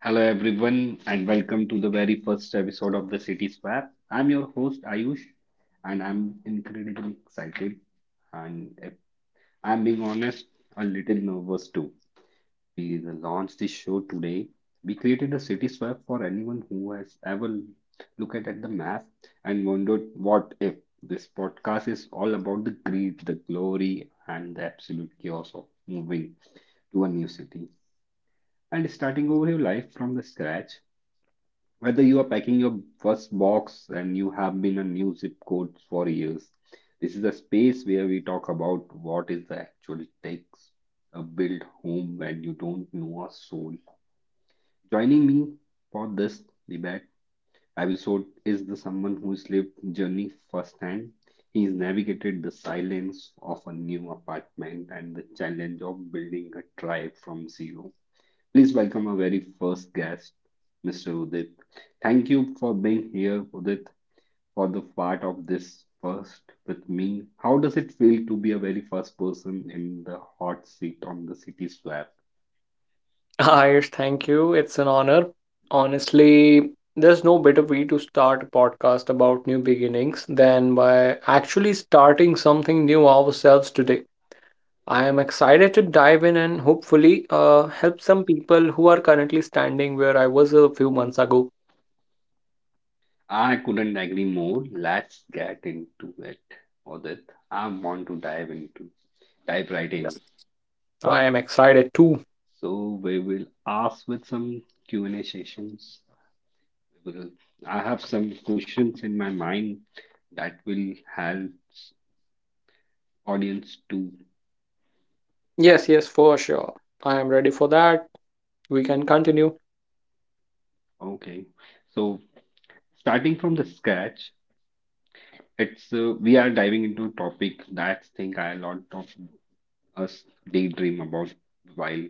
Hello everyone and welcome to the very first episode of the City Swap. I'm your host Ayush and I'm incredibly excited and if I'm being honest, a little nervous too. We launched this show today. We created a city swap for anyone who has ever looked at the map and wondered what if this podcast is all about the greed, the glory, and the absolute chaos of moving to a new city and starting over your life from the scratch. Whether you are packing your first box and you have been a new zip code for years, this is a space where we talk about what is the actual takes a build home when you don't know a soul. Joining me for this debate episode is the someone who's lived journey firsthand. He's navigated the silence of a new apartment and the challenge of building a tribe from zero. Please welcome our very first guest, Mr. Udit. Thank you for being here, Udit, for the part of this first with me. How does it feel to be a very first person in the hot seat on the City Swap? Ayush, thank you. It's an honor. Honestly, there's no better way to start a podcast about new beginnings than by actually starting something new ourselves today. I am excited to dive in and hopefully help some people who are currently standing where I was a few months ago. I couldn't agree more. Let's get into it, Udit. I want to dive into dive right Yes, in. I am excited too. So we will ask with some Q&A sessions. We will, I have some questions in my mind that will help audience two, Yes, yes, for sure. I am ready for that. We can continue. okay. So starting from the scratch, it's we are diving into a topic that think a lot of us daydream about while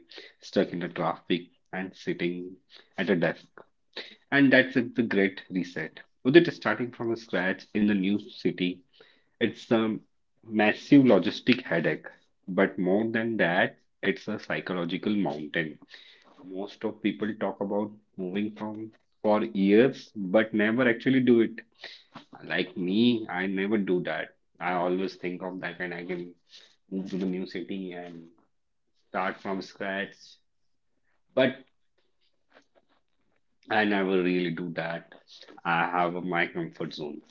stuck in the traffic and sitting at a desk. And that's it, the great reset. With it starting from scratch in the new city, it's a massive logistic headache. But more than that, it's a psychological mountain. Most of people talk about moving from for years, but never actually do it. Like me, I never do that. I always think of that and I can move to the new city and start from scratch. But I never really do that. I have my comfort zone.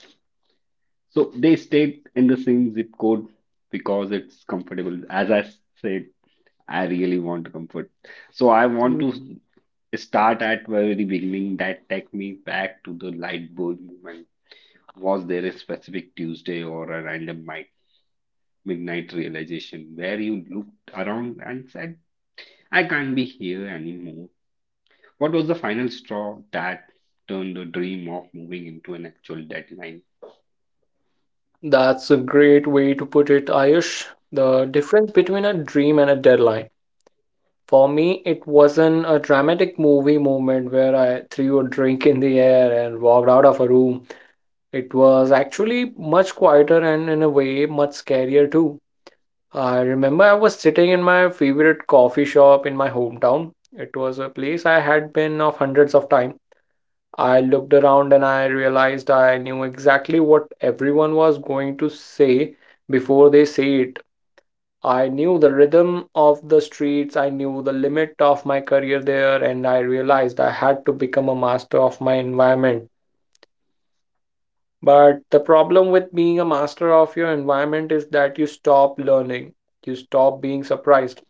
So they stayed in the same zip code because it's comfortable. As I said, I really want comfort. So I want Mm. to start at very beginning that take me back to the light bulb moment. Was there a specific Tuesday or a random midnight realization where you looked around and said, I can't be here anymore? What was the final straw that turned the dream of moving into an actual deadline? That's a great way to put it, Ayush. The difference between a dream and a deadline. For me, it wasn't a dramatic movie moment where I threw a drink in the air and walked out of a room. It was actually much quieter and, in a way, much scarier too. I remember I was sitting in my favorite coffee shop in my hometown. It was a place I had been of hundreds of times. I looked around and I realized I knew exactly what everyone was going to say before they say it. I knew the rhythm of the streets, I knew the limit of my career there, and I realized I had to become a master of my environment. But the problem with being a master of your environment is that you stop learning, you stop being surprised.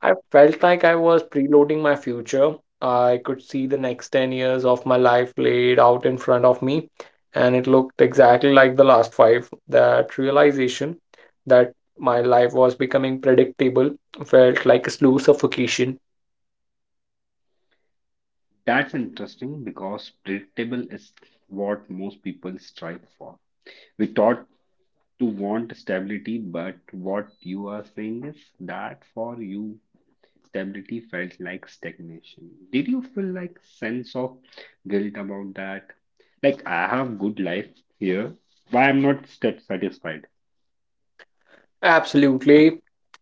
I felt like I was preloading my future. I could see the next 10 years of my life laid out in front of me, and it looked exactly like the last five. That realization that my life was becoming predictable felt like a slow suffocation. That's interesting because predictable is what most people strive for. We taught to want stability, but what you are saying is that for you stability felt like stagnation. Did you feel like sense of guilt about that? Like I have good life here. Why I'm not satisfied? Absolutely.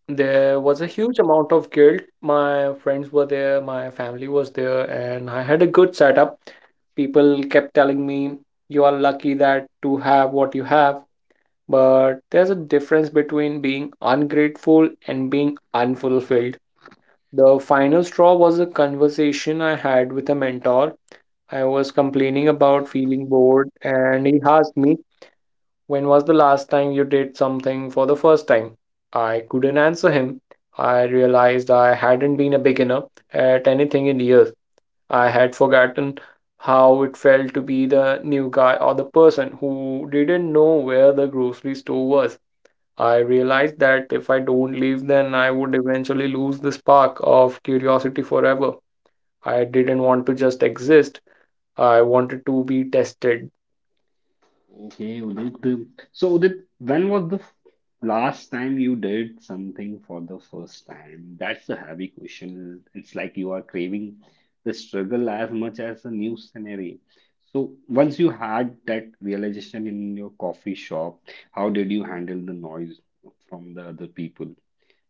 There was a huge amount of guilt. My friends were there, my family was there, and I had a good setup. People kept telling me, you are lucky that to have what you have. But there's a difference between being ungrateful and being unfulfilled. The final straw was a conversation I had with a mentor. I was complaining about feeling bored, and he asked me, when was the last time you did something for the first time? I couldn't answer him. I realized I hadn't been a beginner at anything in years. I had forgotten how it felt to be the new guy or the person who didn't know where the grocery store was. I realized that if I don't leave, then I would eventually lose the spark of curiosity forever. I didn't want to just exist, I wanted to be tested. Okay, Udit. So, Udit, when was the last time you did something for the first time? That's a heavy question. It's like you are craving the struggle as much as a new scenery. So, once you had that realization in your coffee shop, how did you handle the noise from the other people?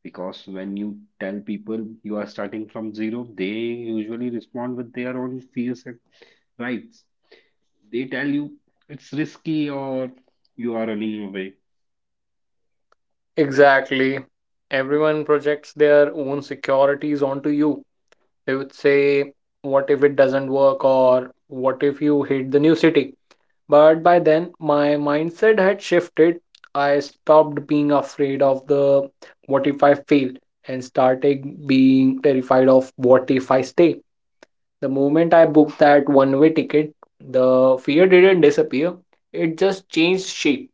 Because when you tell people you are starting from zero, they usually respond with their own fears and rights. They tell you it's risky or you are running away. Exactly. Everyone projects their own securities onto you. They would say, what if it doesn't work? Or what if you hate the new city? But by then, my mindset had shifted. I stopped being afraid of the what if I fail and started being terrified of what if I stay. The moment I booked that one way ticket, the fear didn't disappear. It just changed shape.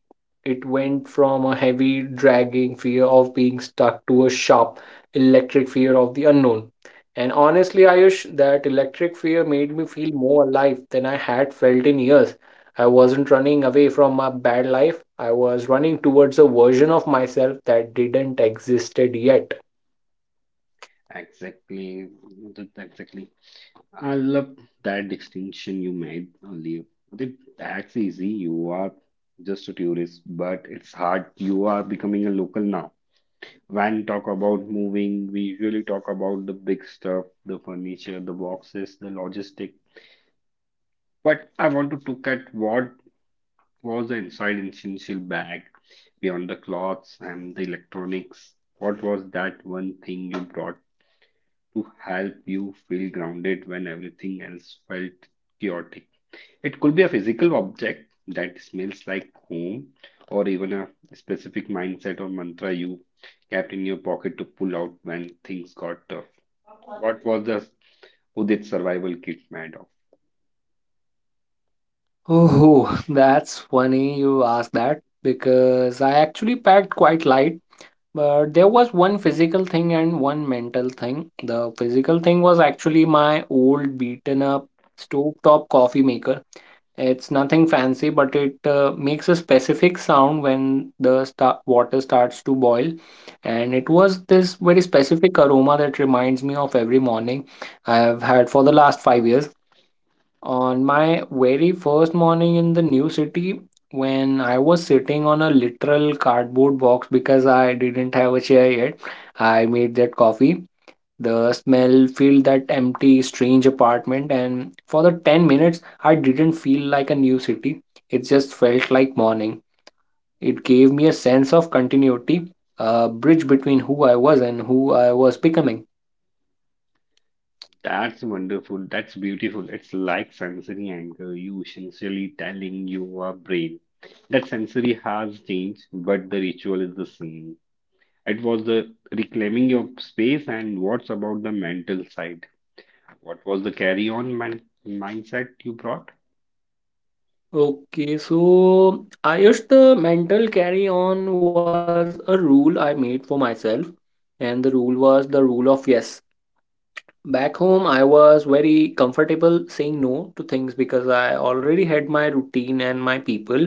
It went from a heavy, dragging fear of being stuck to a sharp, electric fear of the unknown. And honestly, Ayush, that electric fear made me feel more alive than I had felt in years. I wasn't running away from my bad life, I was running towards a version of myself that didn't existed yet. Exactly. Exactly. I love that distinction you made earlier. That's easy. You are just a tourist, but it's hard. You are becoming a local now. When we talk about moving, we usually talk about the big stuff, the furniture, the boxes, the logistic. But I want to look at what was the inside an essential bag beyond the clothes and the electronics? What was that one thing you brought to help you feel grounded when everything else felt chaotic? It could be a physical object that smells like home, or even a specific mindset or mantra you kept in your pocket to pull out when things got tough. What was the Udit survival kit made of? Oh, that's funny you asked that because I actually packed quite light, but there was one physical thing and one mental thing. The physical thing was actually my old beaten up stovetop coffee maker. It's nothing fancy, but it makes a specific sound when the sta water starts to boil, and it was this very specific aroma that reminds me of every morning I have had for the last 5 years. On my very first morning in the new city, when I was sitting on a literal cardboard box because I didn't have a chair yet, I made that coffee. The smell filled that empty, strange apartment, and for the 10 minutes, I didn't feel like a new city. It just felt like morning. It gave me a sense of continuity, a bridge between who I was and who I was becoming. That's wonderful. That's beautiful. It's like sensory anchor. You essentially telling your brain that sensory has changed, but the ritual is the same. It was the reclaiming your space. And what's about the mental side? What was the carry on man mindset you brought? Okay, so I guess the mental carry on was a rule I made for myself, and the rule was the rule of yes. Back home, I was very comfortable saying no to things because I already had my routine and my people.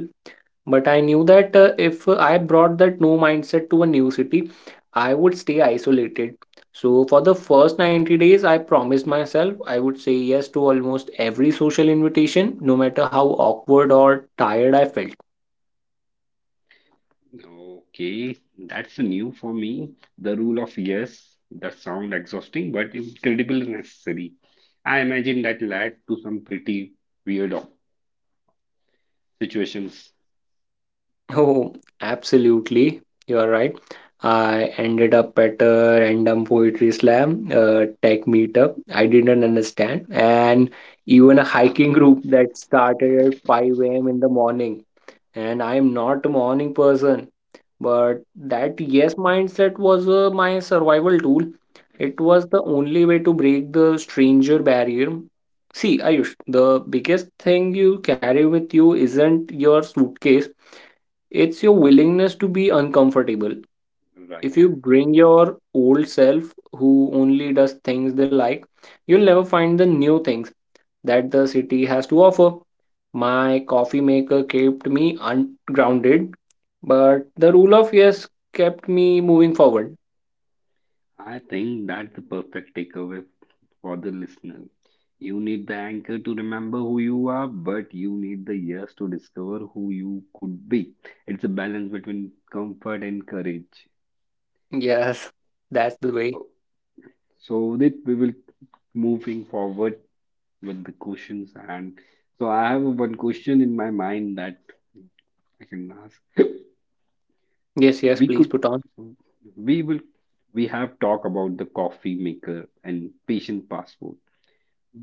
But I knew that if I brought that no mindset to a new city, I would stay isolated. So, for the first 90 days, I promised myself I would say yes to almost every social invitation, no matter how awkward or tired I felt. Okay, that's new for me. The rule of yes, that sound exhausting but incredibly necessary. I imagine that led to some pretty weird situations, Oh, absolutely. You are right. I ended up at a random poetry slam, tech meetup. I didn't understand. And even a hiking group that started at 5 a.m. in the morning. And I am not a morning person, but that yes mindset was my survival tool. It was the only way to break the stranger barrier. See, Ayush, the biggest thing you carry with you isn't your suitcase, it's your willingness to be uncomfortable. If right? you bring your old self who only does things they like, you'll never find the new things that the city has to offer. My coffee maker kept me ungrounded, but the rule of yes kept me moving forward. I think that's the perfect takeaway for the listener. You need the anchor to remember who you are, but you need the ears to discover who you could be. It's a balance between comfort and courage. Yes, that's the way. So that we will moving forward with the questions and so I have one question in my mind that I can ask. Yes, yes, We please could put on. we will we have talked about the coffee maker and patient passport,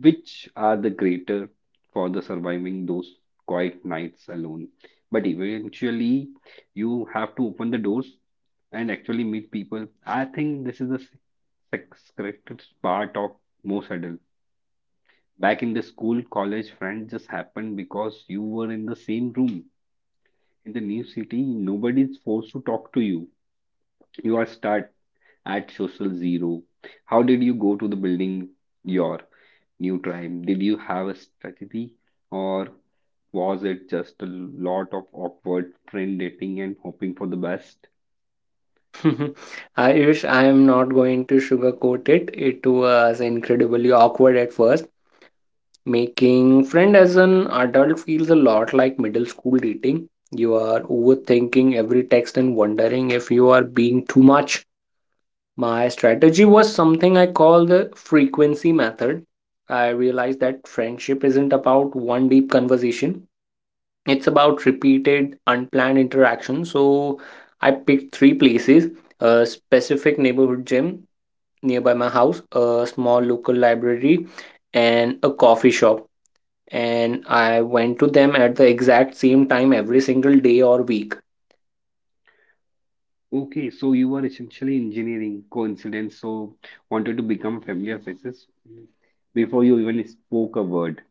which are the greater for the surviving those quiet nights alone. But eventually, you have to open the doors and actually meet people. I think this is the sacrifice part of most adults. Back in the school, college, friends just happened because you were in the same room. In the new city, nobody is forced to talk to you. You are start at social zero. How did you go to the building? Your new tribe? Did you have a strategy or was it just a lot of awkward friend dating and hoping for the best? I wish. I am not going to sugarcoat it. It was incredibly awkward at first. Making friend as an adult feels a lot like middle school dating. You are overthinking every text and wondering if you are being too much. My strategy was something I call the frequency method. I realized that friendship isn't about one deep conversation. It's about repeated, unplanned interaction. So I picked three places, a specific neighborhood gym nearby my house, a small local library, and a coffee shop, and I went to them at the exact same time every single day or week. Okay, so you were essentially engineering coincidence, so wanted to become familiar faces before you even spoke a word.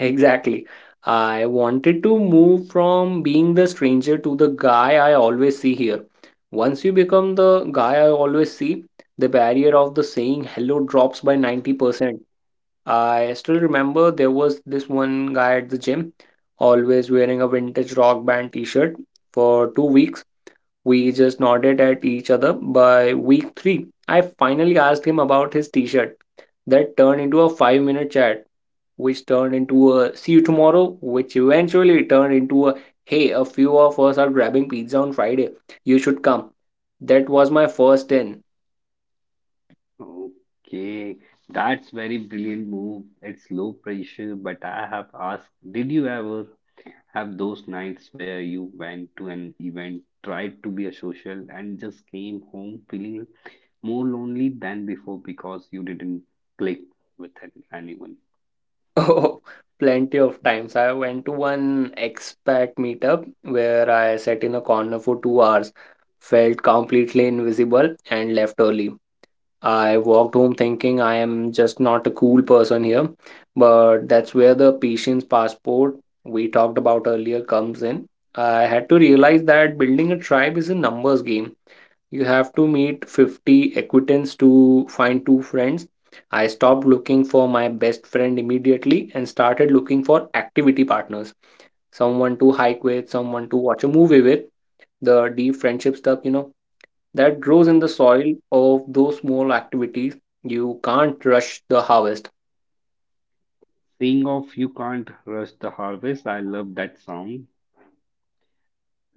Exactly. I wanted to move from being the stranger to the guy I always see here. Once you become the guy I always see, the barrier of the saying hello drops by 90%. I still remember there was this one guy at the gym, always wearing a vintage rock band t shirt for 2 weeks. We just nodded at each other. By week three, I finally asked him about his t shirt. That turned into a 5 minute chat, which turned into a see you tomorrow, which eventually turned into a hey, a few of us are grabbing pizza on Friday. You should come. That was my first in. Okay, that's very brilliant move. It's low pressure, but I have asked, did you ever have those nights where you went to an event, tried to be a social, and just came home feeling more lonely than before because you didn't click with anyone. Oh, plenty of times. I went to one expat meetup where I sat in a corner for 2 hours, felt completely invisible, and left early. I walked home thinking I am just not a cool person here. But that's where the patience passport we talked about earlier comes in. I had to realize that building a tribe is a numbers game. You have to meet 50 acquaintance to find two friends. I stopped looking for my best friend immediately and started looking for activity partners. Someone to hike with, someone to watch a movie with. The deep friendship stuff, you know that grows in the Yeah. soil of those small activities. You can't rush the harvest. Seeing of you can't rush the harvest, I love that song.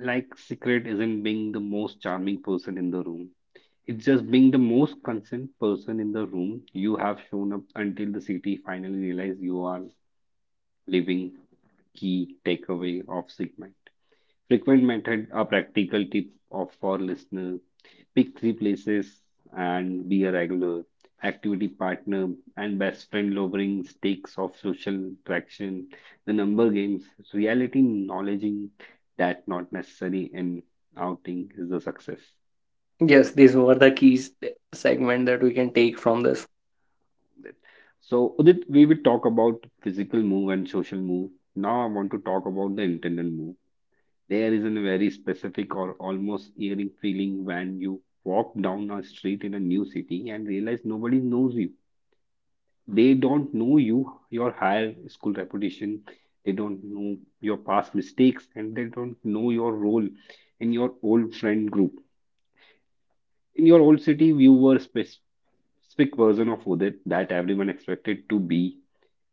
Like, secret isn't being the most charming person in the room. It's just being the most concerned person in the room. You have shown up until the city finally realize you are living key takeaway of Sigma. Frequent method a practical tip of for listener. Pick three places and be a regular activity partner and best friend lowering stakes of social traction, the number games, reality knowledging that not necessary in outing is the success. Yes, these were the keys segment that we can take from this. Of that. So Udit, we will talk about physical move and social move. Now I want to talk about the internal move. There is a very specific or almost eerie feeling when you walk down a street in a new city and realize nobody knows you. They don't know you, your higher school reputation, they don't know your past mistakes, and they don't know your role in your old friend group. In your old city, you were a specific version of Udit that everyone expected to be.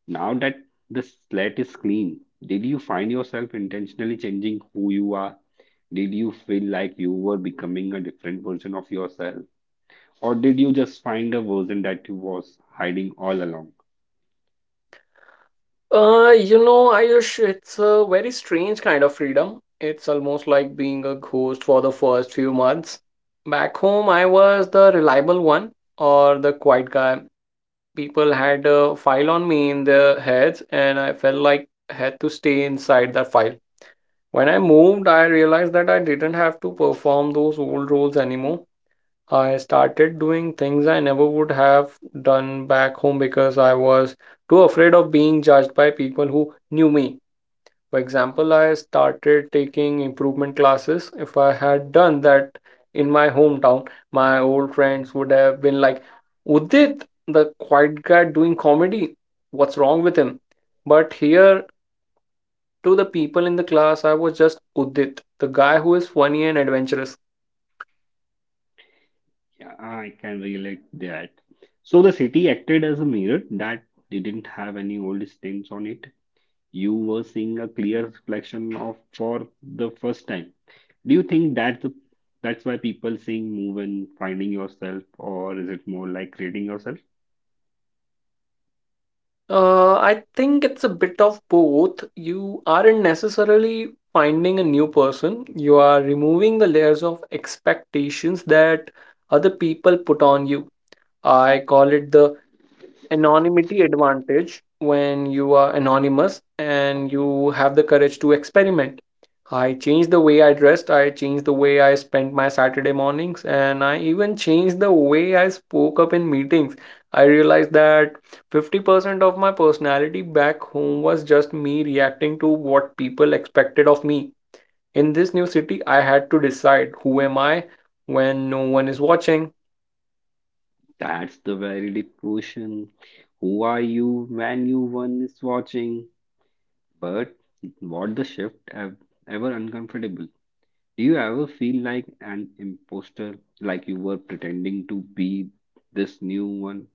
Now that the slate is clean, did you find yourself intentionally changing who you are? Did you feel like you were becoming a different version of yourself? Or did you just find a version that you was hiding all along? You know, Ayush, it's a very strange kind of freedom. It's almost like being a ghost for the first few months. Back home, I was the reliable one or the quiet guy. People had a file on me in their heads, and I felt like I had to stay inside that file. When I moved, I realized that I didn't have to perform those old roles anymore. I started doing things I never would have done back home because I was too afraid of being judged by people who knew me. For example, I started taking improvement classes. If I had done that in my hometown, my old friends would have been like, Udit, the quiet guy doing comedy, what's wrong with him? But here, to the people in the class, I was just Udit, the guy who is funny and adventurous. Yeah, I can relate that. So the city acted as a mirror that didn't have any old stains on it. You were seeing a clear reflection of for the first time. Do you think that's that's why people saying move and finding yourself, or is it more like creating yourself? I think it's a bit of both. You aren't necessarily finding a new person, you are removing the layers of expectations that other people put on you. I call it the anonymity advantage. When you are anonymous and you have the courage to experiment, I changed the way I dressed, I changed the way I spent my Saturday mornings, and I even changed the way I spoke up in meetings. I realized that 50% of my personality back home was just me reacting to what people expected of me. In this new city, I had to decide who am I when no one is watching. That's the very deep question. Who are you when you one is watching? But what the shift ever uncomfortable? Do you ever feel like an imposter, like you were pretending to be this new one?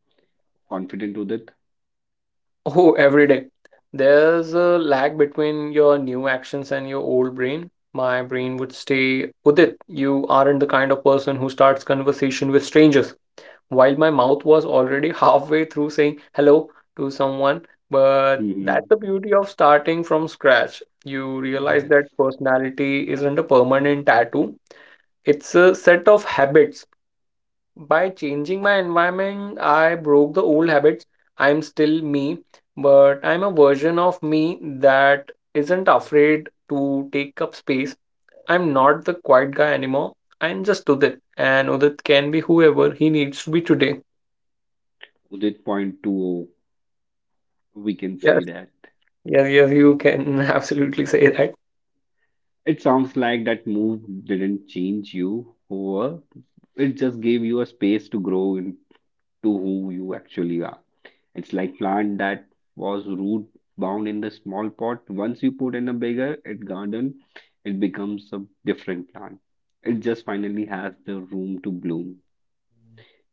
Confident Udit? Oh, every day. There's a lag between your new actions and your old brain. My brain would stay, Udit, you aren't the kind of person who starts conversation with strangers. While my mouth was already halfway through saying hello to someone, but that's Hmm. the beauty of starting from scratch. You realize Yes, that personality isn't a permanent tattoo, it's a set of habits by changing my environment, I broke the old habits. I'm still me, but I'm a version of me that isn't afraid to take up space. I'm not the quiet guy anymore. I'm just Udit, and Udit can be whoever he needs to be today. Udit point two zero, we can say Yes, that. yes, yes, you can absolutely say that. It sounds like that move didn't change you who were. It just gave you a space to grow into who you actually are. It's like plant that was root bound in the small pot. Once you put in a bigger it garden, it becomes a different plant. It just finally has the room to bloom.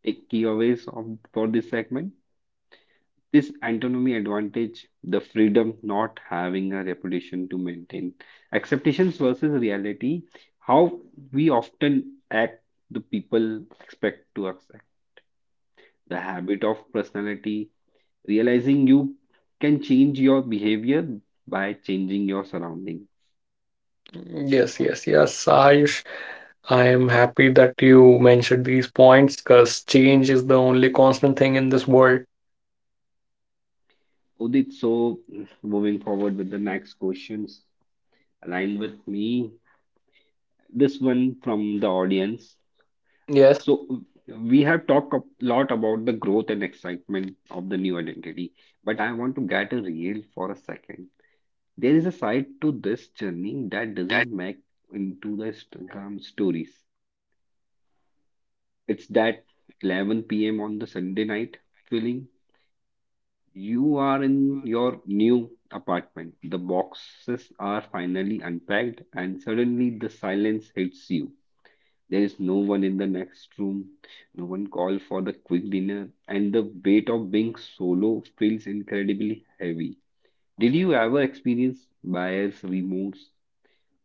Take key aways of for this segment. This autonomy advantage, the freedom not having a reputation to maintain. Expectations versus reality, how we often act, the people expect to accept. The habit of personality, realizing you can change your behavior by changing your surrounding. Yes, yes, yes, Ayush. I am happy that you mentioned these points because change is the only constant thing in this world. Udit, so moving forward with the next questions aligned with me. This one from the audience. Yes. So we have talked a lot about the growth and excitement of the new identity, but I want to get real for a second. There is a side to this journey that doesn't make into the Instagram stories. It's that 11 p.m. on the Sunday night feeling. You are in your new apartment. The boxes are finally unpacked, and suddenly the silence hits you. There is no one in the next room, no one call for the quick dinner, and the weight of being solo feels incredibly heavy. Did you ever experience buyer's remorse?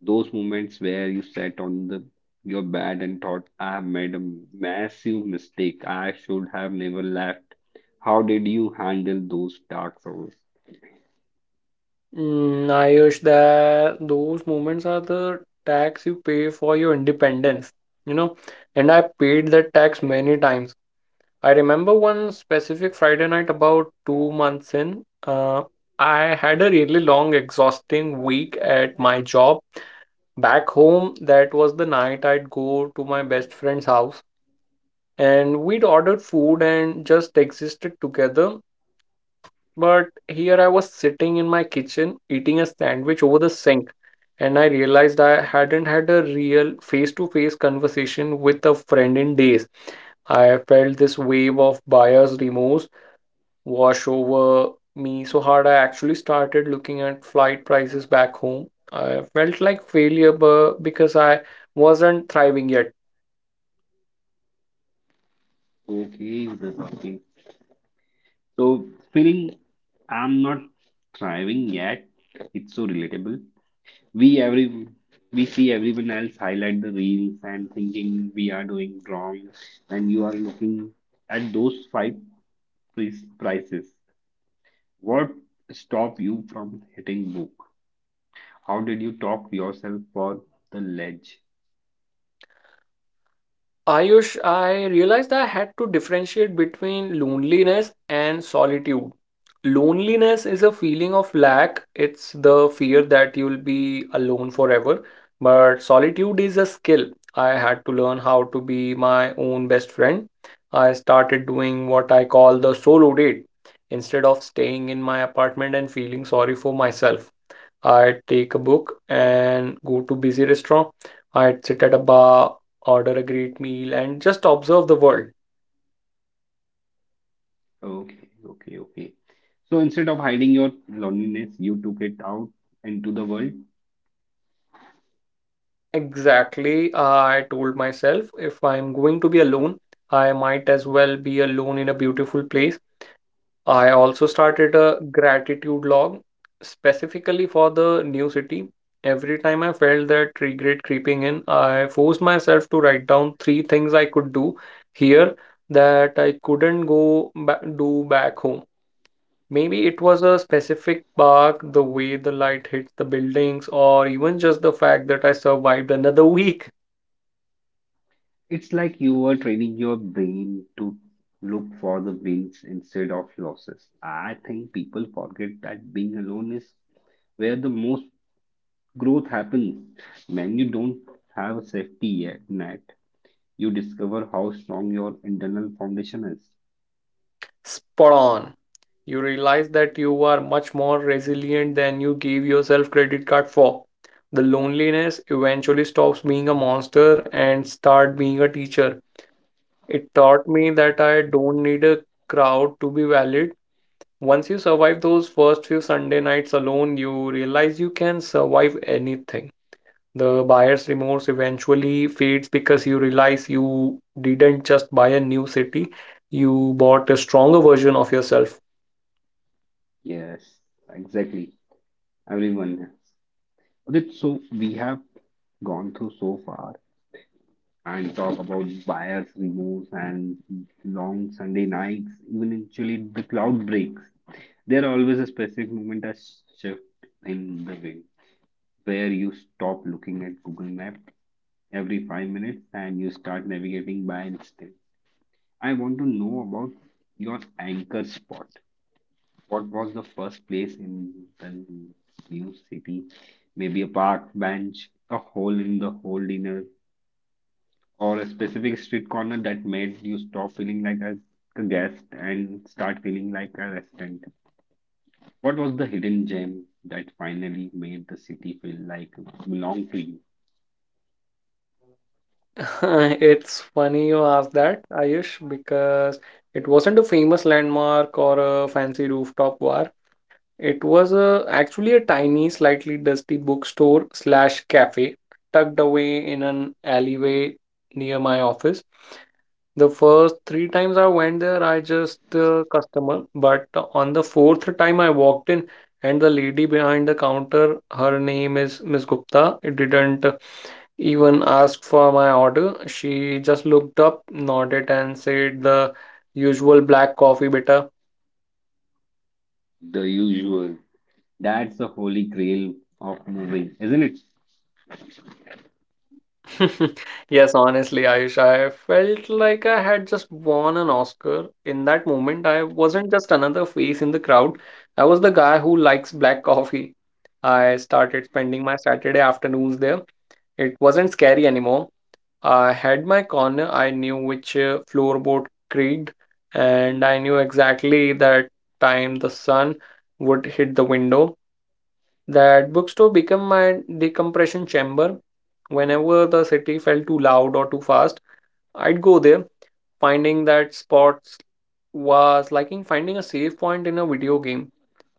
Those moments where you sat on the your bed and thought, I have made a massive mistake. I should have never left. How did you handle those dark hours? Mm, Ayush, that those moments are the tax you pay for your independence, you know. And I paid that tax many times. I remember one specific Friday night about 2 months in. I had a really long, exhausting week at my job. Back home, that was the night I'd go to my best friend's house, and we'd ordered food and just existed together, but here I was sitting in my kitchen eating a sandwich over the sink, and I realized I hadn't had a real face-to-face conversation with a friend in days. I felt this wave of buyer's remorse wash over me so hard I actually started looking at flight prices back home. I felt like failure because I wasn't thriving yet. Okay, that's okay. So feeling I'm not thriving yet. It's so relatable. We every we see everyone else highlight the reels and thinking we are doing wrong, and you are looking at those five prices. What stop you from hitting book? How did you talk yourself for the ledge? Ayush, I realized I had to differentiate between loneliness and solitude. Loneliness is a feeling of lack, it's the fear that you'll be alone forever. But solitude is a skill. I had to learn how to be my own best friend. I started doing what I call the solo date instead of staying in my apartment and feeling sorry for myself. I'd take a book and go to busy restaurant. I'd sit at a bar, order a great meal, and just observe the world. Okay, okay, okay. So instead of hiding your loneliness, you took it out into the world. Exactly, I told myself, if I'm going to be alone, I might as well be alone in a beautiful place. I also started a gratitude log specifically for the new city. Every time I felt that regret creeping in, I forced myself to write down three things I could do here that I couldn't do back home. Maybe it was a specific bark, the way the light hits the buildings, or even just the fact that I survived another week. It's like you were training your brain to look for the wins instead of losses. I think people forget that being alone is where the most growth happens. When you don't have a safety net, you discover how strong your internal foundation is. Spot on. You realize that you are much more resilient than you gave yourself credit card for. The loneliness eventually stops being a monster and start being a teacher. It taught me that I don't need a crowd to be valid. Once you survive those first few Sunday nights alone, you realize you can survive anything. The buyer's remorse eventually fades because you realize you didn't just buy a new city, you bought a stronger version of yourself. Yes, exactly. Everyone has. Okay, so we have gone through so far and talk about buyers, removes, and long Sunday nights, even eventually the cloud breaks. There always a specific moment, a shift in the wind, where you stop looking at Google Map every 5 minutes and you start navigating by instinct. I want to know about your anchor spot. What was the first place in the new city? Maybe a park bench, a hole in the whole dinner, or a specific street corner that made you stop feeling like a guest and start feeling like a resident. What was the hidden gem that finally made the city feel like it belonged to you? It's funny you ask that, Ayush, because it wasn't a famous landmark or a fancy rooftop bar. It was actually a tiny, slightly dusty bookstore slash cafe tucked away in an alleyway near my office. The first 3 times I went there, I just customer, but on the fourth time I walked in and the lady behind the counter, her name is Miss Gupta. It didn't even ask for my order. She just looked up, nodded, and said the usual black coffee beta. The usual. That's the holy grail of moving, isn't it? Yes, honestly, Ayush, I felt like I had just won an Oscar. In that moment, I wasn't just another face in the crowd. I was the guy who likes black coffee. I started spending my Saturday afternoons there. It wasn't scary anymore. I had my corner, I knew which floorboard creaked, and I knew exactly that time the sun would hit the window. That bookstore became my decompression chamber. Whenever the city felt too loud or too fast, I'd go there, finding that spots was like in finding a safe point in a video game.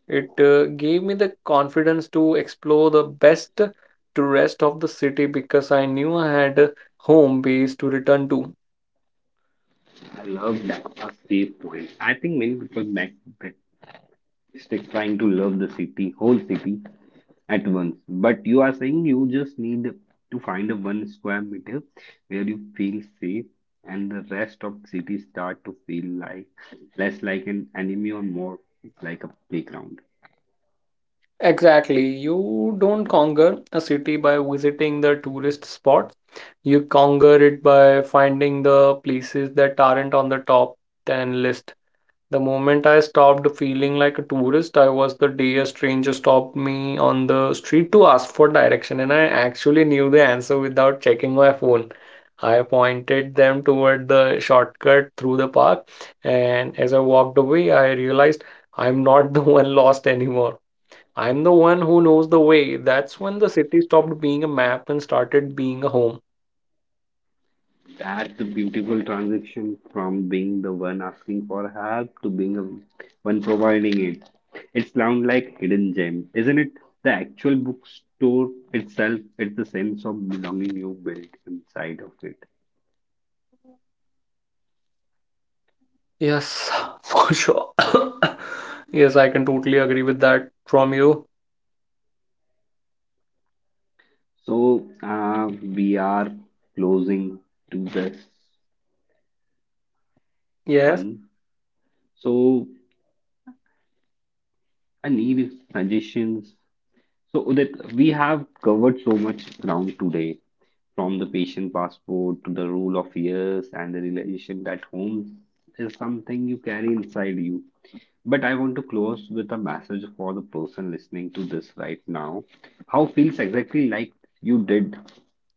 It gave me the confidence to explore the best to rest of the city because I knew I had a home base to return to. I love that. A safe point. I think many people make that mistake trying to love the city, whole city at once. But you are saying you just need to find a one square meter where you feel safe and the rest of city start to feel like less like an enemy or more like a playground. Exactly. You don't conquer a city by visiting the tourist spots. You conquer it by finding the places that aren't on the top 10 list. The moment I stopped feeling like a tourist, I was the day a stranger stopped me on the street to ask for direction, and I actually knew the answer without checking my phone. I pointed them toward the shortcut through the park, and as I walked away, I realized I'm not the one lost anymore. I'm the one who knows the way. That's when the city stopped being a map and started being a home. That's the beautiful transition from being the one asking for help to being the one providing it. It sounds like hidden gem, isn't it? The actual bookstore itself, it's the sense of belonging you build inside of it. Yes, for sure. yes, I can totally agree with that from you. So we are closing to this Yes. one. So I need suggestions. So, Udit, we have covered so much ground today, from the patient passport to the rule of years and the realization that home is something you carry inside you. But I want to close with a message for the person listening to this right now. How feels exactly like you did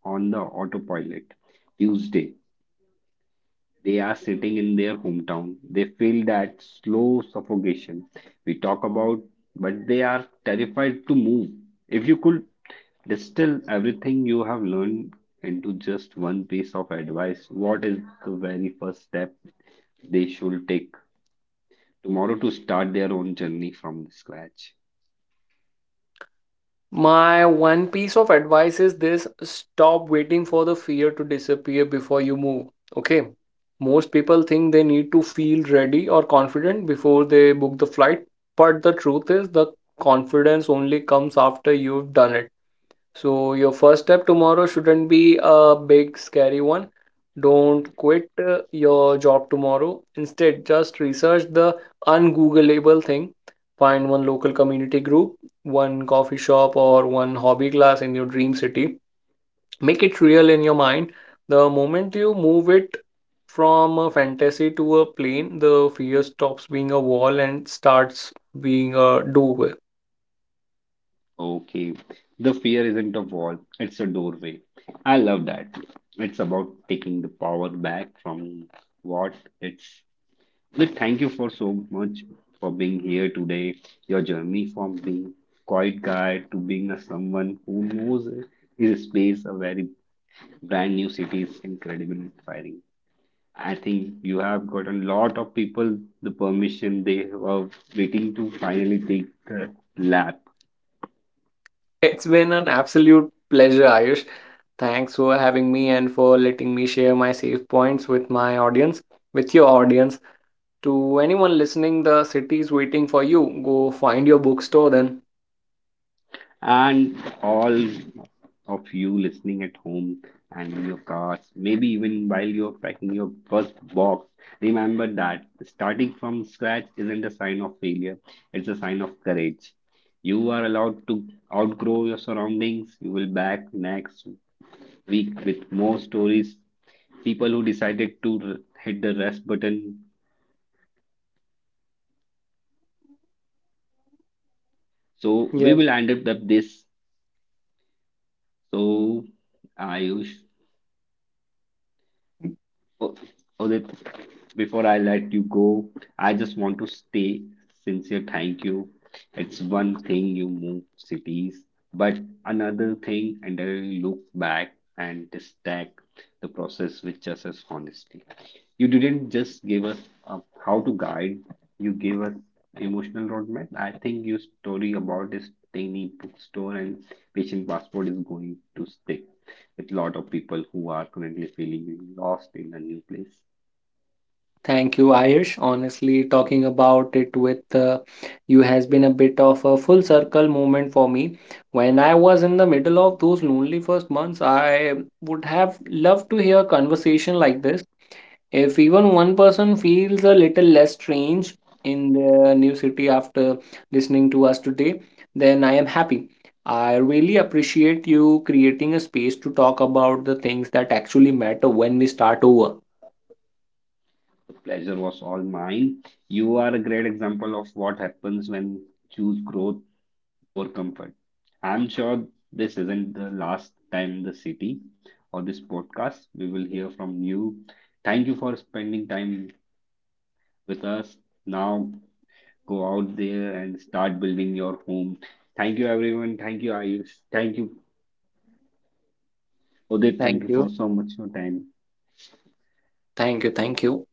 on the autopilot Tuesday they are sitting in their hometown. They feel that slow suffocation we talk about, but they are terrified to move. If you could distill everything you have learned into just one piece of advice, what is the very first step they should take tomorrow to start their own journey from scratch? My one piece of advice is this stop waiting for the fear to disappear before you move. Okay. Most people think they need to feel ready or confident before they book the flight, but the truth is the confidence only comes after you've done it. So, your first step tomorrow shouldn't be a big scary one. Don't quit your job tomorrow. Instead, just research the ungoogleable thing. Find one local community group, one coffee shop, or one hobby class in your dream city. Make it real in your mind. The moment you move it from a fantasy to a plane, the fear stops being a wall and starts being a doable. Okay, the fear isn't a wall, it's a doorway. I love that. It's about taking the power back from what it's. Well, thank you for so much for being here today. Your journey from being quiet guy to being a someone who knows his space, a very brand new city is incredible and inspiring. I think you have gotten a lot of people the permission they were waiting to finally take the lap. It's been an absolute pleasure, Ayush. Thanks for having me and for letting me share my safe points with my audience, with your audience. To anyone listening, the city is waiting for you. Go find your bookstore then. And all of you listening at home and in your cars, maybe even while you're packing your first box, remember that starting from scratch isn't a sign of failure, it's a sign of courage. You are allowed to outgrow your surroundings. You will back next week with more stories. People who decided to hit the rest button. So we Yes. will end up with this. So Ayush. Oh, Udit, before I let you go, I just want to stay sincere. Thank you. It's one thing you move cities, but another thing, and I look back and stack the process with just as honesty. You didn't just give us a, how to guide, you gave us emotional roadmap. I think your story about this tiny bookstore and patient passport is going to stick with a lot of people who are currently feeling lost in a new place. Thank you, Ayush. Honestly, talking about it with you has been a bit of a full circle moment for me. When I was in the middle of those lonely first months, I would have loved to hear a conversation like this. If even one person feels a little less strange in the new city after listening to us today, then I am happy. I really appreciate you creating a space to talk about the things that actually matter when we start over. The pleasure was all mine. You are a great example of what happens when choose growth over comfort. I'm sure this isn't the last time the city or this podcast. We will hear from you. Thank you for spending time with us. Now go out there and start building your home. Thank you everyone. Thank you Ayush. Thank you Udit. Thank Thank you you. for so much your time. Thank you. Thank you.